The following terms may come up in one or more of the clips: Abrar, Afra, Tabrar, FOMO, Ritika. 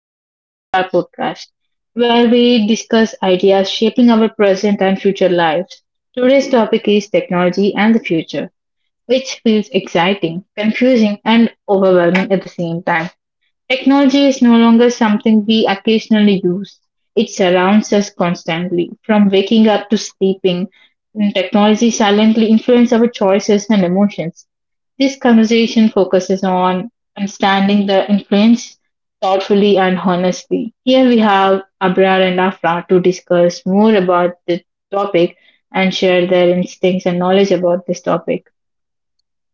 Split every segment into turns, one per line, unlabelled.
Welcome back to our podcast, where we discuss ideas shaping our present and future lives. Today's topic is technology and the future, which feels exciting, confusing, and overwhelming at the same time. Technology is no longer something we occasionally use. It surrounds us constantly. From waking up to sleeping, technology silently influences our choices and emotions. This conversation focuses on understanding the influence thoughtfully and honestly. Here we have Abrar and Afra to discuss more about the topic and share their instincts and knowledge about this topic.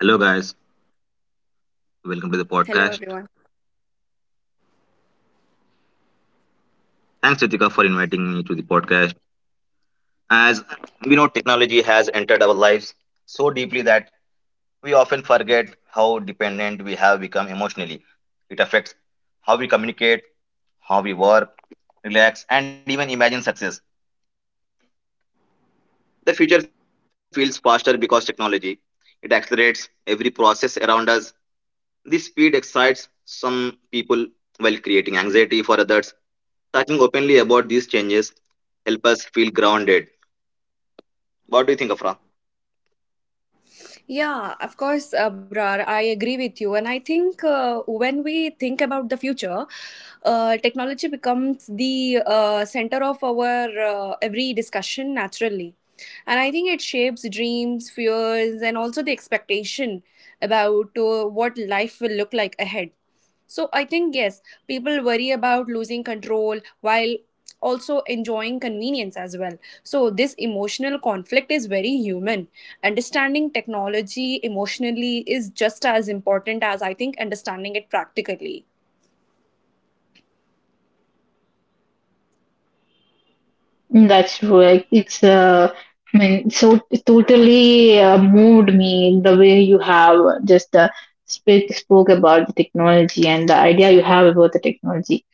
Hello, guys. Welcome to the
Hello,
podcast.
everyone.
Thanks, Ritika, for inviting me to the podcast. As we know, technology has entered our lives so deeply that we often forget how dependent we have become emotionally. It affects how we communicate, how we work, relax, and even imagine success. The future feels faster because technology. It accelerates every process around us. This speed excites some people while creating anxiety for others. Talking openly about these changes help us feel grounded. What do you think, Afra?
Yeah, of course, Abrar, I agree with you. And I think when we think about the future, technology becomes the center of our every discussion naturally. And I think it shapes dreams, fears, and also the expectation about what life will look like ahead. So I think, yes, people worry about losing control while also enjoying convenience as well. So, this emotional conflict is very human. Understanding technology emotionally is just as important as I think understanding it practically.
Mm, that's true. So it totally moved me the way you have just spoke about the technology and the idea you have about the technology.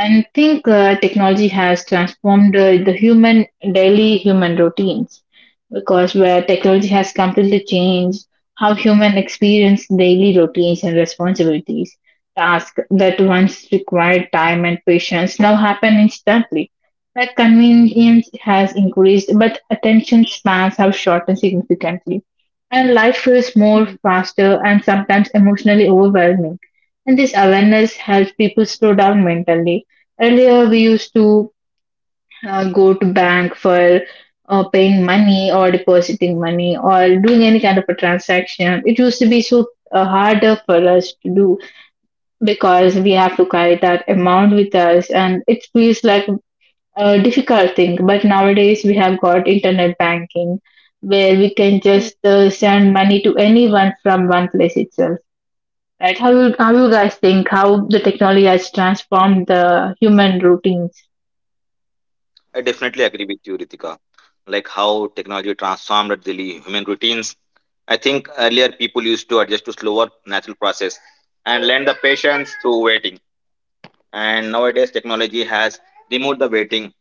And I think technology has transformed the human daily human routines, because where technology has completely changed how human experience daily routines and responsibilities. Tasks that once required time and patience now happen instantly. Like, convenience has increased, but attention spans have shortened significantly. And life feels more
Hmm.
faster and sometimes emotionally overwhelming. And this awareness helps people slow down mentally. Earlier, we used to go to bank for paying money or depositing money or doing any kind of a transaction. It used to be so harder for us to do because we have to carry that amount with us, and it feels like a difficult thing. But nowadays, we have got internet banking, where we can
Hmm.
just send money to anyone from one place itself. Right? How you guys think how the technology has transformed the human routines?
I definitely agree with you, Ritika. Like how technology transformed daily human routines. I think earlier people used to adjust to slower natural process and learn the patience through waiting. And nowadays technology has removed the waiting,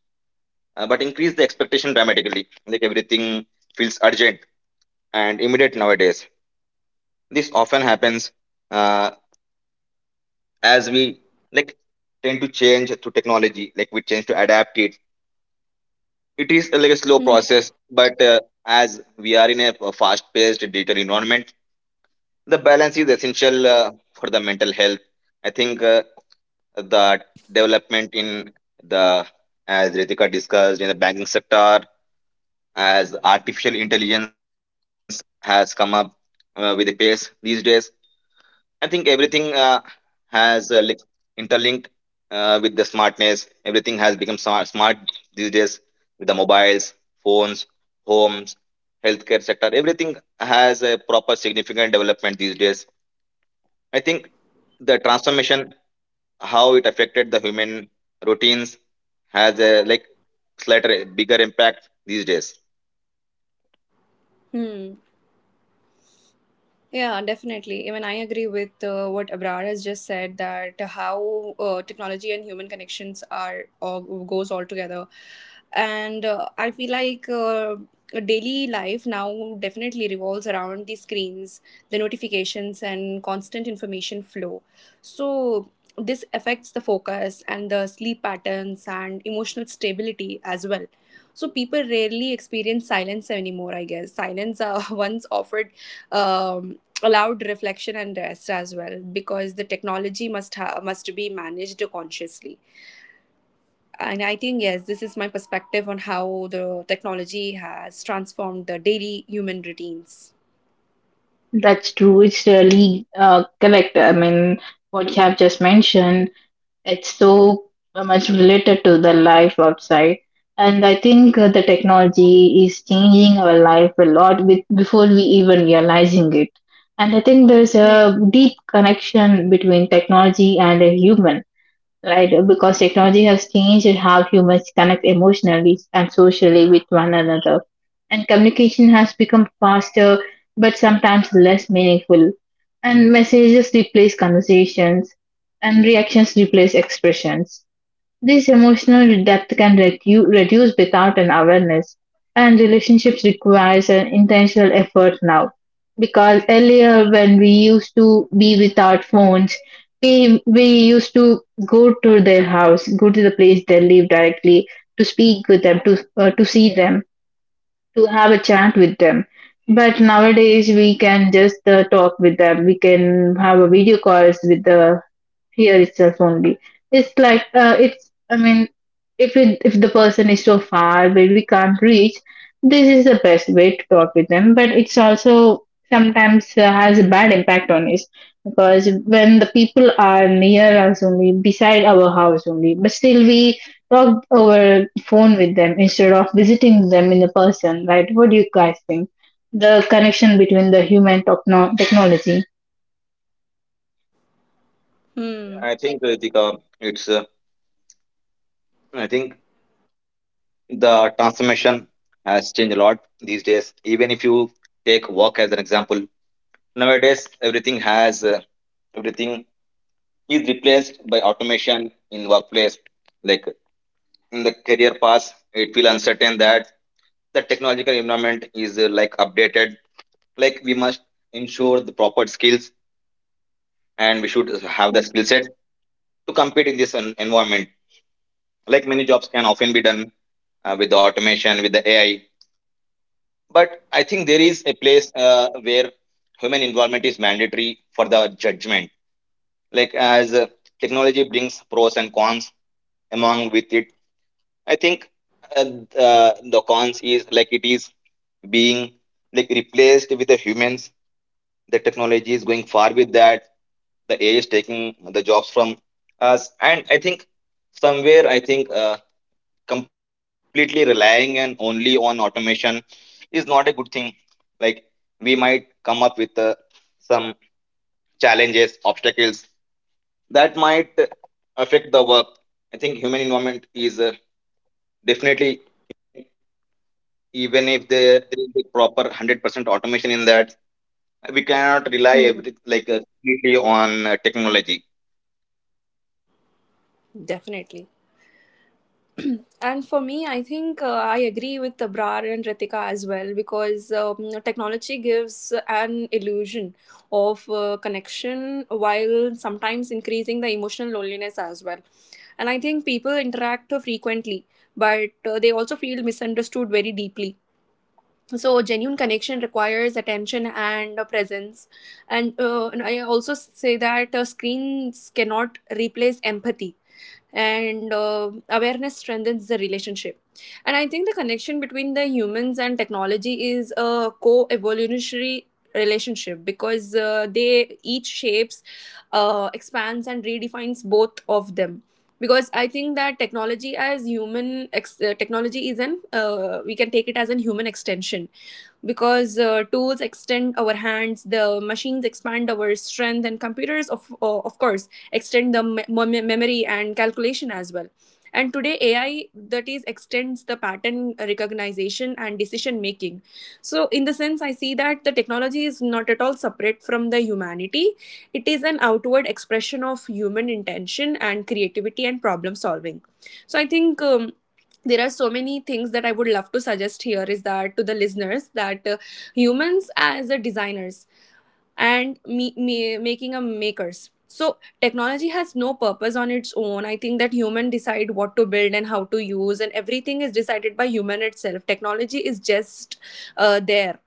but increased the expectation dramatically. Like everything feels urgent and immediate nowadays. This often happens uh, as we like tend to change to technology, like we change to adapt it. It is like a slow
Hmm.
process, but as we are in a fast paced digital environment, the balance is essential for the mental health. I think the development in the as Ritika discussed in the banking sector, as artificial intelligence has come up with a pace these days, I think everything has like interlinked with the smartness. Everything has become smart these days with the mobiles, phones, homes, healthcare sector. Everything has a proper significant development these days. I think the transformation, how it affected the human routines, has a like slightly bigger impact these days.
Hmm. Yeah, definitely. Even I agree with what Abrar has just said, that how technology and human connections are or goes all together, and I feel like daily life now definitely revolves around the screens, the notifications, and constant information flow. So this affects the focus and the sleep patterns and emotional stability as well. So people rarely experience silence anymore. I guess silence once offered. Um, Allowed reflection and rest as well, because the technology must be managed consciously. And I think, yes, this is my perspective on how the technology has transformed the daily human routines.
That's true. It's really correct. I mean, what you have just mentioned, it's so much related to the life outside. And I think the technology is changing our life a lot with, before we even realizing it. And I think there's
Yeah.
a deep connection between technology and a human, right? Because technology has changed how humans connect emotionally and socially with one another. And communication has become faster, but sometimes less meaningful. And messages replace conversations, and reactions replace expressions. This emotional depth can reduce without an awareness, and relationships requires an intentional effort now. Because earlier, when we used to be without phones, we used to go to their house, go to the place they live directly to speak with them, to see them, to have a chat with them. But nowadays, we can just talk with them. We can have a video calls with the here itself only. It's like it's. I mean, if it, if the person is so far where we can't reach, this is the best way to talk with them. But it's also sometimes has a bad impact on us, because when the people are near us only, beside our house only, but still we talk over phone with them instead of visiting them in the person. Right? What do you guys think? The connection between the human technology.
hmm.
I think Ritika, it's I think the transformation has changed a lot these days. Even if you take work as an example, nowadays everything is replaced by automation in workplace. Like in the career path, it feel uncertain that the technological environment is like updated. Like we must ensure the proper skills, and we should have
Hmm.
the skill set to compete in this environment. Like many jobs can often be done with the automation, with the AI, but I think there is a place where human involvement is mandatory for the judgment. Like as technology brings pros and cons among with it, i think uh, uh, the cons is like it is being like replaced with the humans. The technology is going far with that. The AI is taking the jobs from us. And I think somewhere, I think completely relying and only on automation is not a good thing. Like we might come up with some challenges, obstacles that might affect the work. I think human environment is definitely, even if there is a proper 100% automation in that, we cannot rely
Hmm.
every, like completely on technology.
Definitely. And for me, I think I agree with Tabrar and Ritika as well, because technology gives an illusion of connection, while sometimes increasing the emotional loneliness as well. And I think people interact frequently, but they also feel misunderstood very deeply. So, genuine connection requires attention and presence. And I also say that screens cannot replace empathy, and awareness strengthens the relationship. And I think the connection between the humans and technology is a co-evolutionary relationship, because they each shapes, expands and redefines both of them. Because I think that technology as human ex- technology is an we can take it as an human extension, because tools extend our hands, the machines expand our strength, and computers, of course, extend the memory and calculation as well. And today AI, that is, extends the pattern recognition and decision making. So in the sense, I see that the technology is not at all separate from the humanity. It is an outward expression of human intention and creativity and problem solving. So I think, there are so many things that I would love to suggest here is that to the listeners, that humans as a designers and making a makers. So technology has no purpose on its own. I think that human decide what to build and how to use, and everything is decided by human itself. Technology is just there.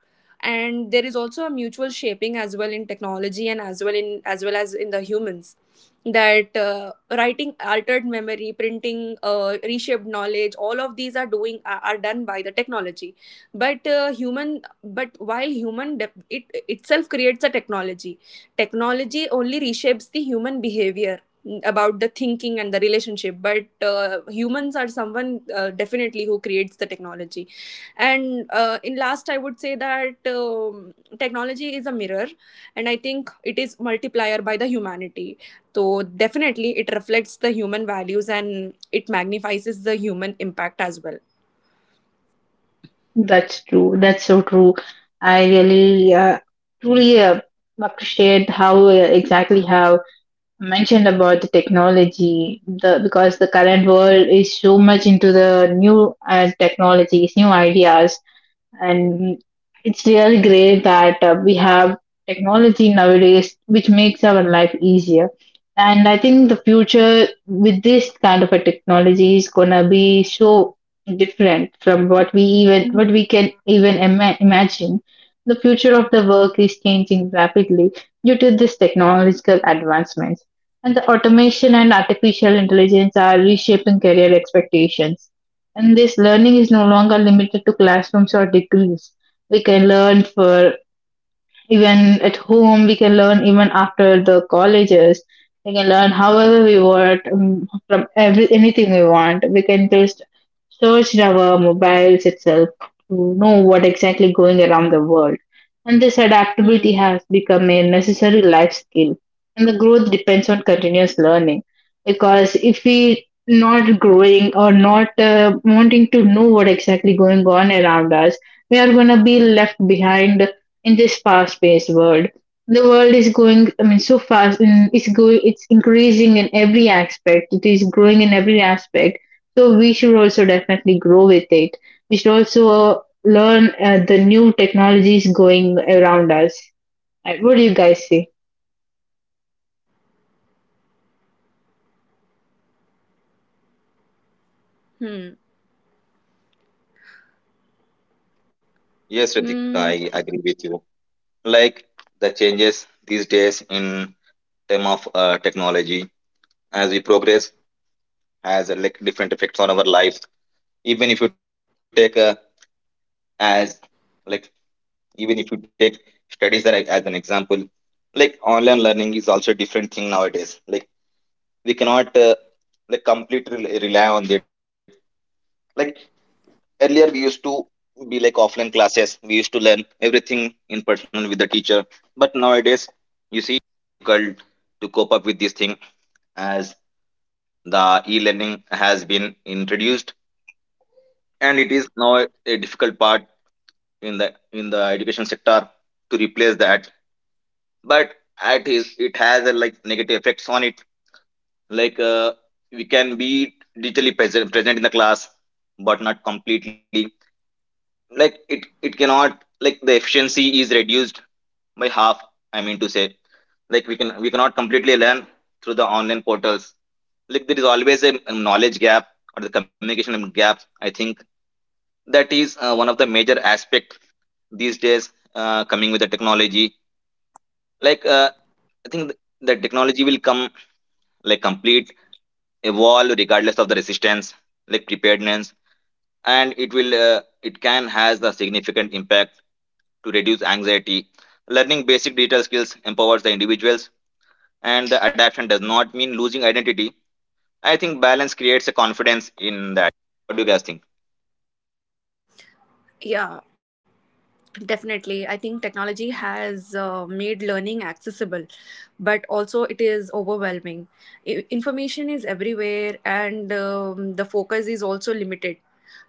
And there is also a mutual shaping as well in technology and as well in as well as in the humans. That writing altered memory, printing reshaped knowledge, all of these are doing are done by the technology. But human, but while it itself creates a technology, technology only reshapes the human behavior, about the thinking and the relationship. But humans are someone definitely who creates the technology. And in last, I would say that technology is a mirror, and I think it is multiplier by the humanity. So definitely it reflects the human values, and it magnifies the human impact as well.
That's true. That's so true. I really, truly appreciate how exactly how mentioned about the technology. The, because the current world is so much into the new technologies, new ideas, and it's really great that we have technology nowadays which makes our life easier. And I think the future with this kind of a technology is gonna be so different from what we even, what
Mhm.
we can even imagine. The future of the work is changing rapidly due to this technological advancements, and the automation and artificial intelligence are reshaping career expectations, and this learning is no longer limited to classrooms or degrees. We can learn for, even at home we can learn, even after the colleges we can learn however we want, from every anything we want we can just search in our mobiles itself to know what exactly going around the world. And this
Hmm.
adaptability has become a necessary life skill, and the growth depends on continuous learning, because if we not growing or not wanting to know what exactly going on around us, we are going to be left behind in this fast-paced world. The world is going, I mean, so fast, and it's going, it's increasing in every aspect. It is growing in every aspect. So we should also definitely grow with it. We should also learn the new technologies going around us. What do you guys say?
Hmm.
Yes, Ritika,
Mm,
I agree with you. Like the changes these days in term of technology as we progress has like different effects on our life. Even if you take as like even if you take studies as an example, like online learning is also a different thing nowadays. Like we cannot like completely rely on it. Like earlier we used to be like offline classes, we used to learn everything in person with the teacher, but nowadays you see difficult to cope up with this thing, as the e-learning has been introduced and it is now a difficult part in the education sector to replace that. But it has a like negative effects on it. Like we can be digitally present in the class, but not completely. Like it cannot, like the efficiency is reduced by half, I mean to say. Like we cannot completely learn through the online portals. Like there is always a knowledge gap or the communication gap. I think that is one of the major aspect these days coming with the technology. Like I think the technology will come like complete evolve regardless of the resistance, like preparedness, and it will it can has the significant impact to reduce anxiety. Learning basic digital skills empowers the individuals, and the adaptation does not mean losing identity. I think balance creates a confidence in that. What do you guys think?
yeah. Definitely. I think technology has made learning accessible, but also it is overwhelming. I- information is everywhere, and the focus is also limited.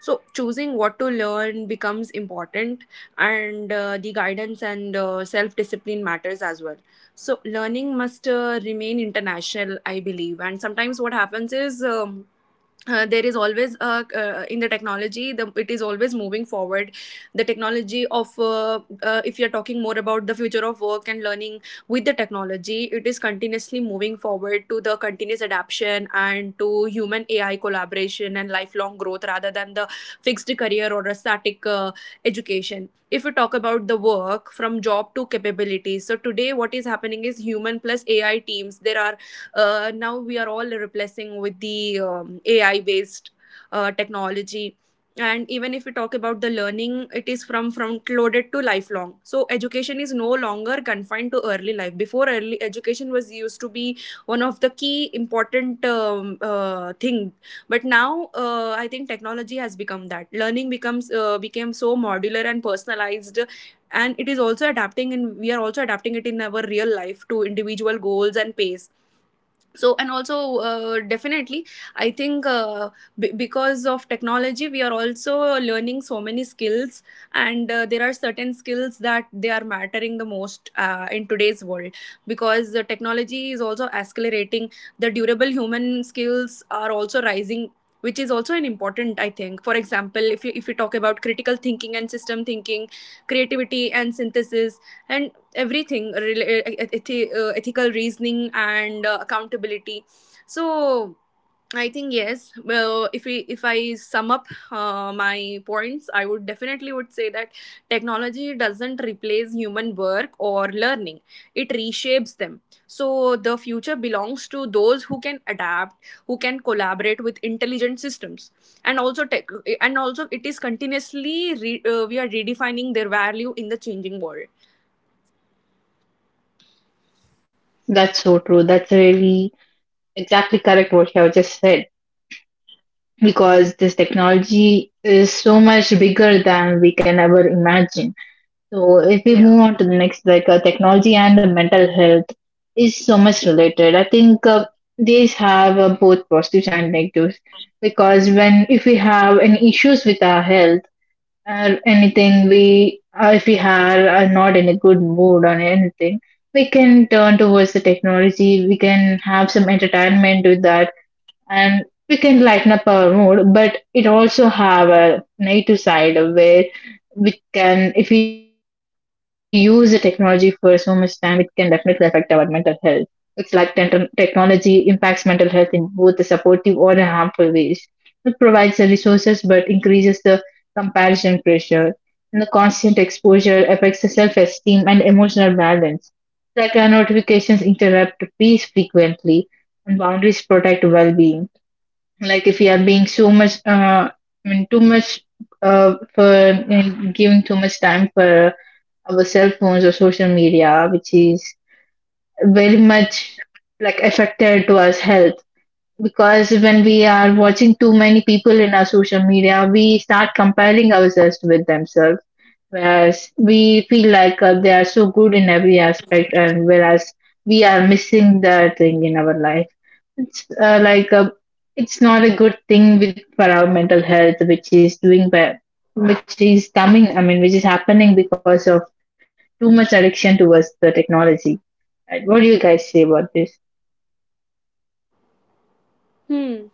So, choosing what to learn becomes important, and the guidance and self discipline matters as well. So, learning must remain international, I believe. And sometimes what happens is, there is always in the technology, it is always moving forward. The technology of, if you're talking more about the future of work and learning with the technology, it is continuously moving forward to the continuous adaptation, and to human AI collaboration and lifelong growth, rather than the fixed career or a static education. If you talk about the work from job to capabilities, so today what is happening is human plus AI teams. There are now we are all replacing with the AI based technology. And even if we talk about the learning, it is from front loaded to lifelong. So education is no longer confined to early life. Before, early education was used to be one of the key important thing. But now I think technology has become that learning becomes became so modular and personalized, and it is also adapting, and we are also adapting it in our real life to individual goals and pace. So and also definitely, I think because of technology, we are also learning so many skills. And there are certain skills that they are mattering the most in today's world. Because the technology is also accelerating, the durable human skills are also rising, which is also an important, I think. For example, if you talk about critical thinking and system thinking, creativity and synthesis, and everything, ethical reasoning and accountability. So I think, yes, well, if we if I sum up my points, I would definitely would say that technology doesn't replace human work or learning. It reshapes them. So the future belongs to those who can adapt, who can collaborate with intelligent systems, and also tech, and also it is continuously we are redefining their value in the changing world.
That's so true. That's really exactly correct what you have just said. Because this technology is so much bigger than we can ever imagine. So if we
Yeah.
move on to the next, like, technology and the mental health is so much related. I think these have both positives and negatives, because when if we have any issues with our health or anything, we if we are not in a good mood or anything, we can turn towards the technology. We can have some entertainment with that, and we can lighten up our mood, but it also have a negative side of where we can, if we use the technology for so much time, it can definitely affect our mental health. It's like technology impacts mental health in both the supportive or the harmful ways. It provides the resources but increases the comparison pressure, and the constant exposure affects the self-esteem and emotional balance. Like, our notifications interrupt peace frequently, and boundaries protect well-being. Like, if we are being so much too much for giving too much time for our cell phones or social media, which is very much like affected to us health, because when we are watching too many people in our social media, we start comparing ourselves with themselves, whereas we feel like they are so good in every aspect, and whereas we are missing that thing in our life. It's uh, like a, it's not a good thing with for our mental health, which is doing bad, which is coming, I mean, which is happening because of too much addiction towards the technology. Right, what do you guys say about this,
hmm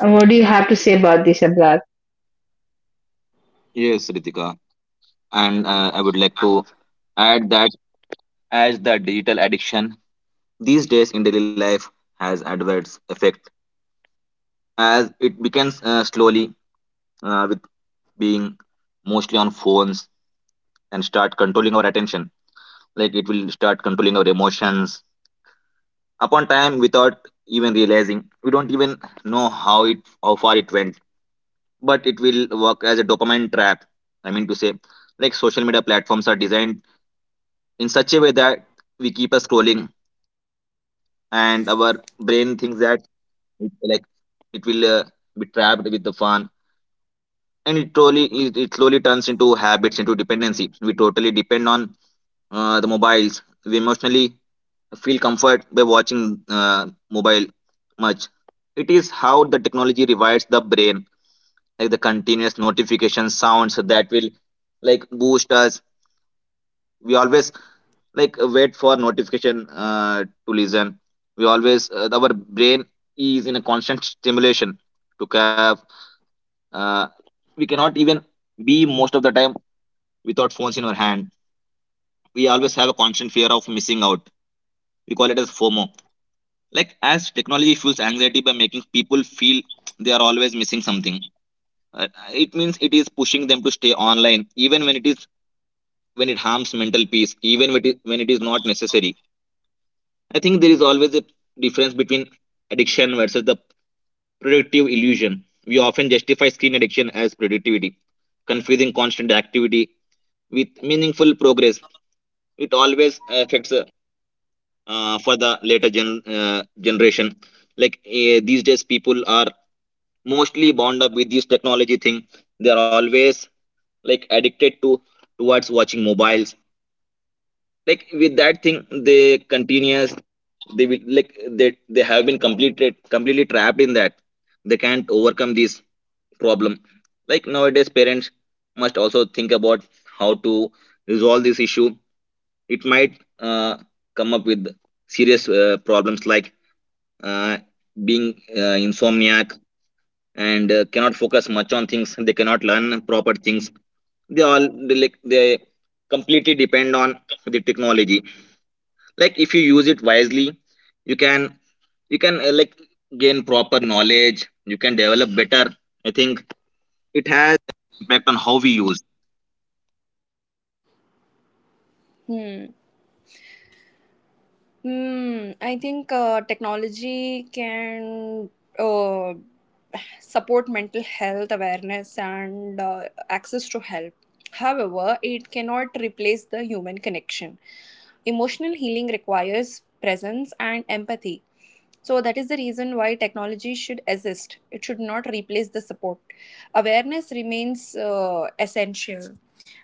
and what do you have to say about this about,
Yes, Ritika. And I would like to add that as the digital addiction these days in daily life has adverse effect, as it begins slowly with being mostly on phones and start controlling our attention. Like it will start controlling our emotions, upon time without even realizing. We don't even know how it how far it went, but it will work as a dopamine trap. I mean to say, like social media platforms are designed in such a way that we keep us scrolling, and our brain thinks that it, like it will be trapped with the fun, and it slowly turns into habits into dependency. We totally depend on the mobiles. We emotionally feel comfort by watching mobile much. It is how the technology rewires the brain, like the continuous notification sounds that will like boost us. We always like wait for notification to listen. We always our brain is in a constant stimulation to have. Uh, we cannot even be most of the time without phones in our hand. We always have a constant fear of missing out. We call it as FOMO, like as technology fuels anxiety by making people feel they are always missing something. uh, it means it is pushing them to stay online even when it is when it harms mental peace, even when when it is not necessary. I think there is always a difference between addiction versus the productive illusion. We often justify screen addiction as productivity, confusing constant activity with meaningful progress. It always affects for the later generation. Like these days people are mostly bound up with this technology thing. They are always like addicted to towards watching mobiles. Like with that thing, they continuous. They will like they have been completed completely trapped in that. They can't overcome this problem. Like nowadays, parents must also think about how to resolve this issue. It might come up with serious problems like uh, being insomniac and cannot focus much on things. They cannot learn proper things. They completely depend on the technology. Like if you use it wisely, you can you can uh, like gain proper knowledge. You can develop better. I think it has impact on how we use.
Hmm. Hmm. I think technology can uh, support mental health awareness and access to help. However, it cannot replace the human connection. Emotional healing requires presence and empathy. So, that is the reason why technology should exist. It should not replace the support. Awareness remains essential.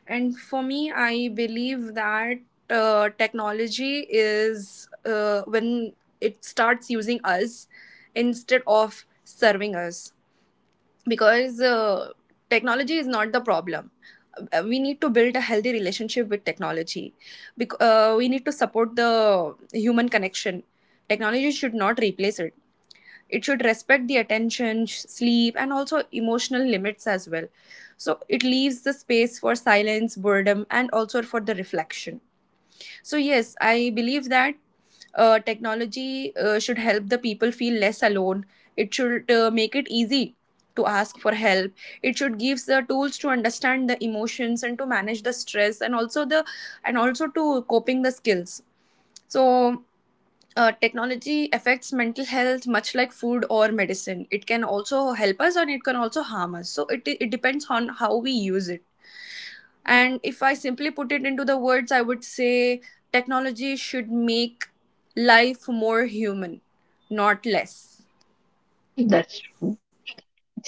And for me, I believe that technology is when it starts using us instead of serving us. Because technology is not the problem. We need to build a healthy relationship with technology. We need to support the human connection. Technology should not replace it. It should respect the attention, sleep, and also emotional limits as well. So it leaves the space for silence, boredom, and also for the reflection. So yes, I believe that technology should help the people feel less alone. It should make it easy to ask for help. It should give the tools to understand the emotions and to manage the stress, and also the, and also to coping the skills. So technology affects mental health much like food or medicine. It can also help us, and it can also harm us. So it depends on how we use it. And if I simply put it into the words, I would say technology should make life more human, not less.
that's true.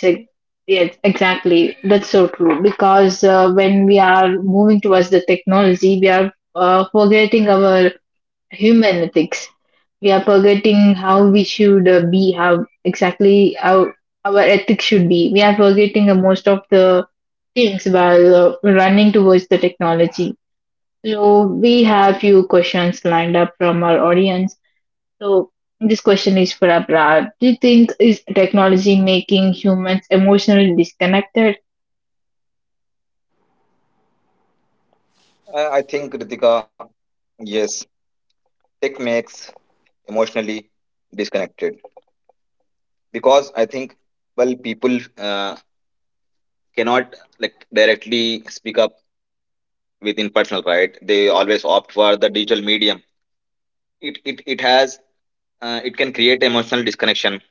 Ex- Yes, exactly. That's so true. Because when we are moving towards the technology, we are forgetting our human ethics. We are forgetting how we should be, how exactly how our ethics should be. We are forgetting most of the things while running towards the technology. So we have few questions lined up from our audience. So this question is for Abra. Do you think is technology making humans emotionally disconnected?
I think, Ritika, yes, tech makes emotionally disconnected because I think, well, people uh, cannot like directly speak up within personal, right? They always opt for the digital medium. It has it can create emotional disconnection.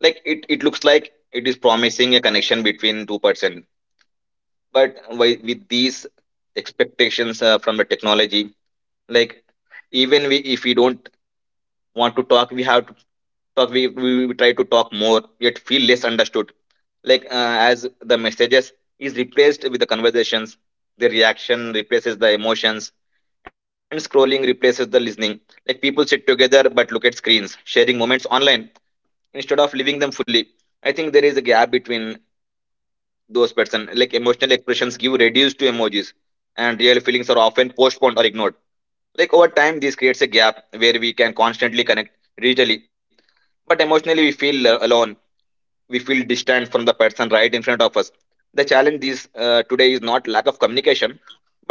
Like it looks like it is promising a connection between two person, but with these expectations from the technology, like even we if we don't want to talk, we have to talk. We try to talk more yet feel less understood. Like as the messages is replaced with the conversations, the reaction replaces the emotions, and scrolling replaces the listening. Like people sit together but look at screens, sharing moments online instead of living them fully. I think there is a gap between those person. Like emotional expressions give reduced to emojis, and real feelings are often postponed or ignored. Like over time, this creates a gap where we can constantly connect digitally, but emotionally we feel alone. We feel distant from the person right in front of us. The challenge is today is not lack of communication,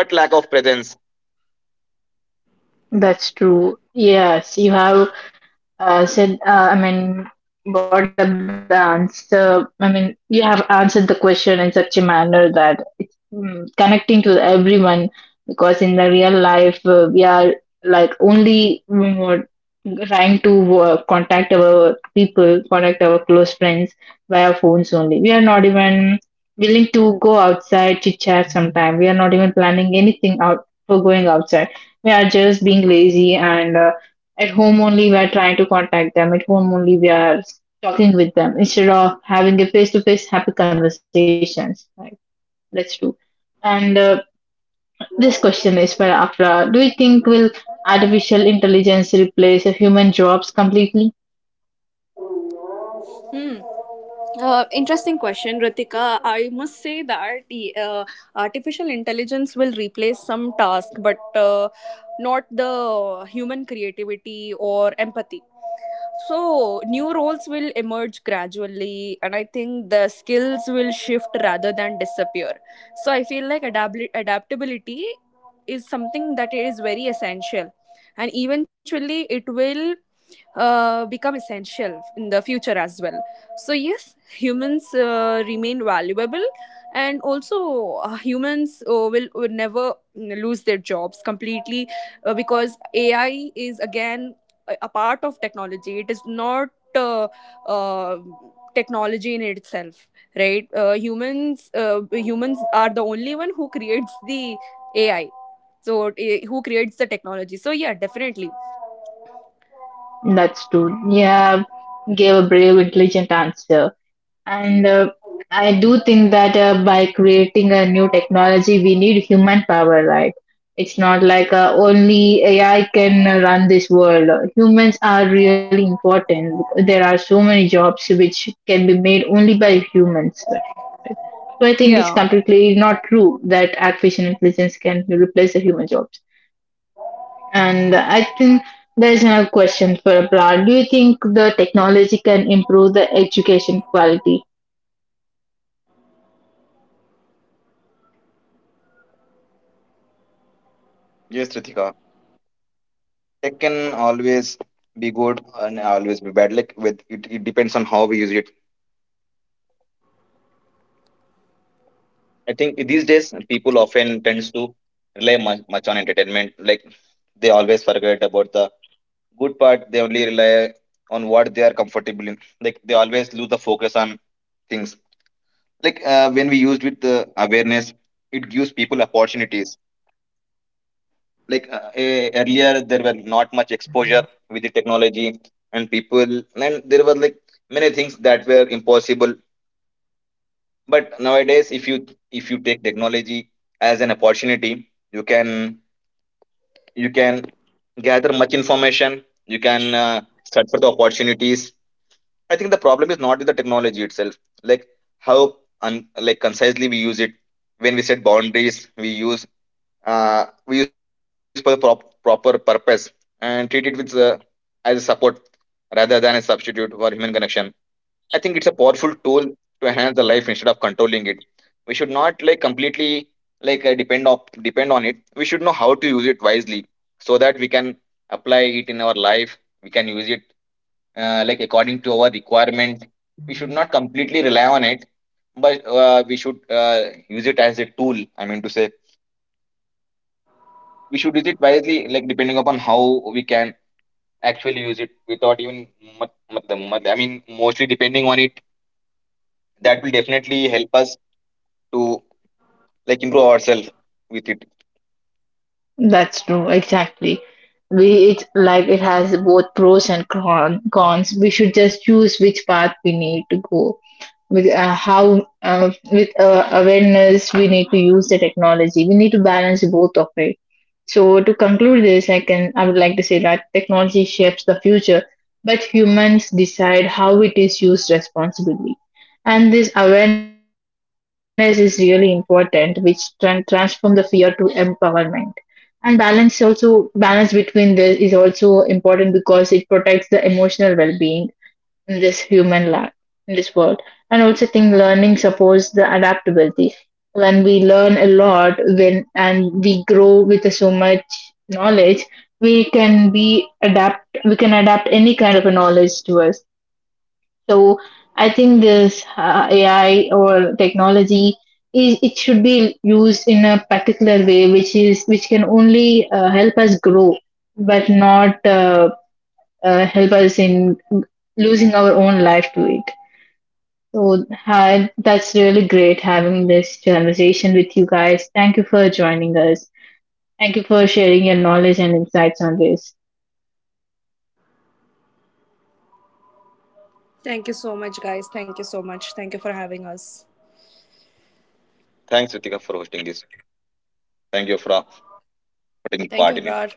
but lack of presence.
That's true. Yes, you have I mean, brought up the answer. I mean, you have answered the question in such a manner that it's mm, connecting to everyone, because in the real life, we are like only mm, trying to contact our people, contact our close friends via phones only. We are not even willing to go outside, chit chat sometime. We are not even planning anything out for going outside. We are just being lazy and at home only, we are trying to contact them. At home only, we are talking with them instead of having a face to face happy conversations. Right? That's true. And this question is for Afra. Do you think will artificial intelligence replace a human jobs completely?
Hmm. Interesting question, Ritika. I must say that uh, artificial intelligence will replace some task, but not the human creativity or empathy. So, new roles will emerge gradually, and I think the skills will shift rather than disappear. So, I feel like adaptability is something that is very essential, and eventually it will become essential in the future as well. So, yes, humans remain valuable, and also humans will never lose their jobs completely, because AI is again a part of technology. It is not uh, uh, technology in itself, right? Humans, humans are the only one who creates the AI. So who creates the technology. So yeah, definitely.
That's true. Yeah, gave a brave, intelligent answer. And I do think that by creating a new technology, we need human power, right? It's not like only AI can run this world. Humans are really important. There are so many jobs which can be made only by humans, right? So I think it's
Yeah
completely not true that artificial intelligence can replace the human jobs. And I think there's another question for Abra. Do you think the technology can improve the education quality?
Yes, Ritika. It can always be good and always be bad. Like with it, it depends on how we use it. I think these days people often to rely much on entertainment. Like they always forget about the good part. They only rely on what they are comfortable in. Like they always lose the focus on things. Like when we used with the awareness, it gives people opportunities. Like earlier there were not much exposure with the technology and people, and there were like many things that were impossible. But nowadays, if you take technology as an opportunity, you can you can gather much information. You can search for the opportunities. I think the problem is not with the technology itself. Like how like concisely we use it. When we set boundaries, we use for the proper purpose and treat it with as a support rather than a substitute for human connection. I think it's a powerful tool to enhance the life instead of controlling. We should not like completely like depend on it. We should know how to use it wisely, so that we can apply it in our life. We can use it like according to our requirement. We should not completely rely on it, but we should use it as a tool. I mean to say, we should use it wisely, like depending upon how we can actually use it without even much, I mean, mostly depending on it. That will definitely help us to like improve ourselves with it.
That's true, exactly. We it like it has both pros and cons. We should just choose which path we need to go. With how with awareness, we need to use the technology. We need to balance both of it. So to conclude this, I would like to say that technology shapes the future, but humans decide how it is used responsibly. And this awareness is really important, which transform the fear to empowerment. And balance, also balance between this, is also important because it protects the emotional well-being in this human life in this world. And also think learning supports the adaptability. When we learn a lot, when and we grow with so much knowledge, we can be adapt. We can adapt any kind of a knowledge to us. So I think this AI or technology is, it should be used in a particular way, which is which can only help us grow, but not help us in losing our own life to it. So hi, that's really great having this conversation with you guys. Thank you for joining us. Thank you for sharing your knowledge and insights on this.
Thank you so much, guys. Thank you so much. Thank you for having us.
Thanks, Ritika, for hosting this. Thank you for, taking
Thank
part
you,
in it.
Abrar.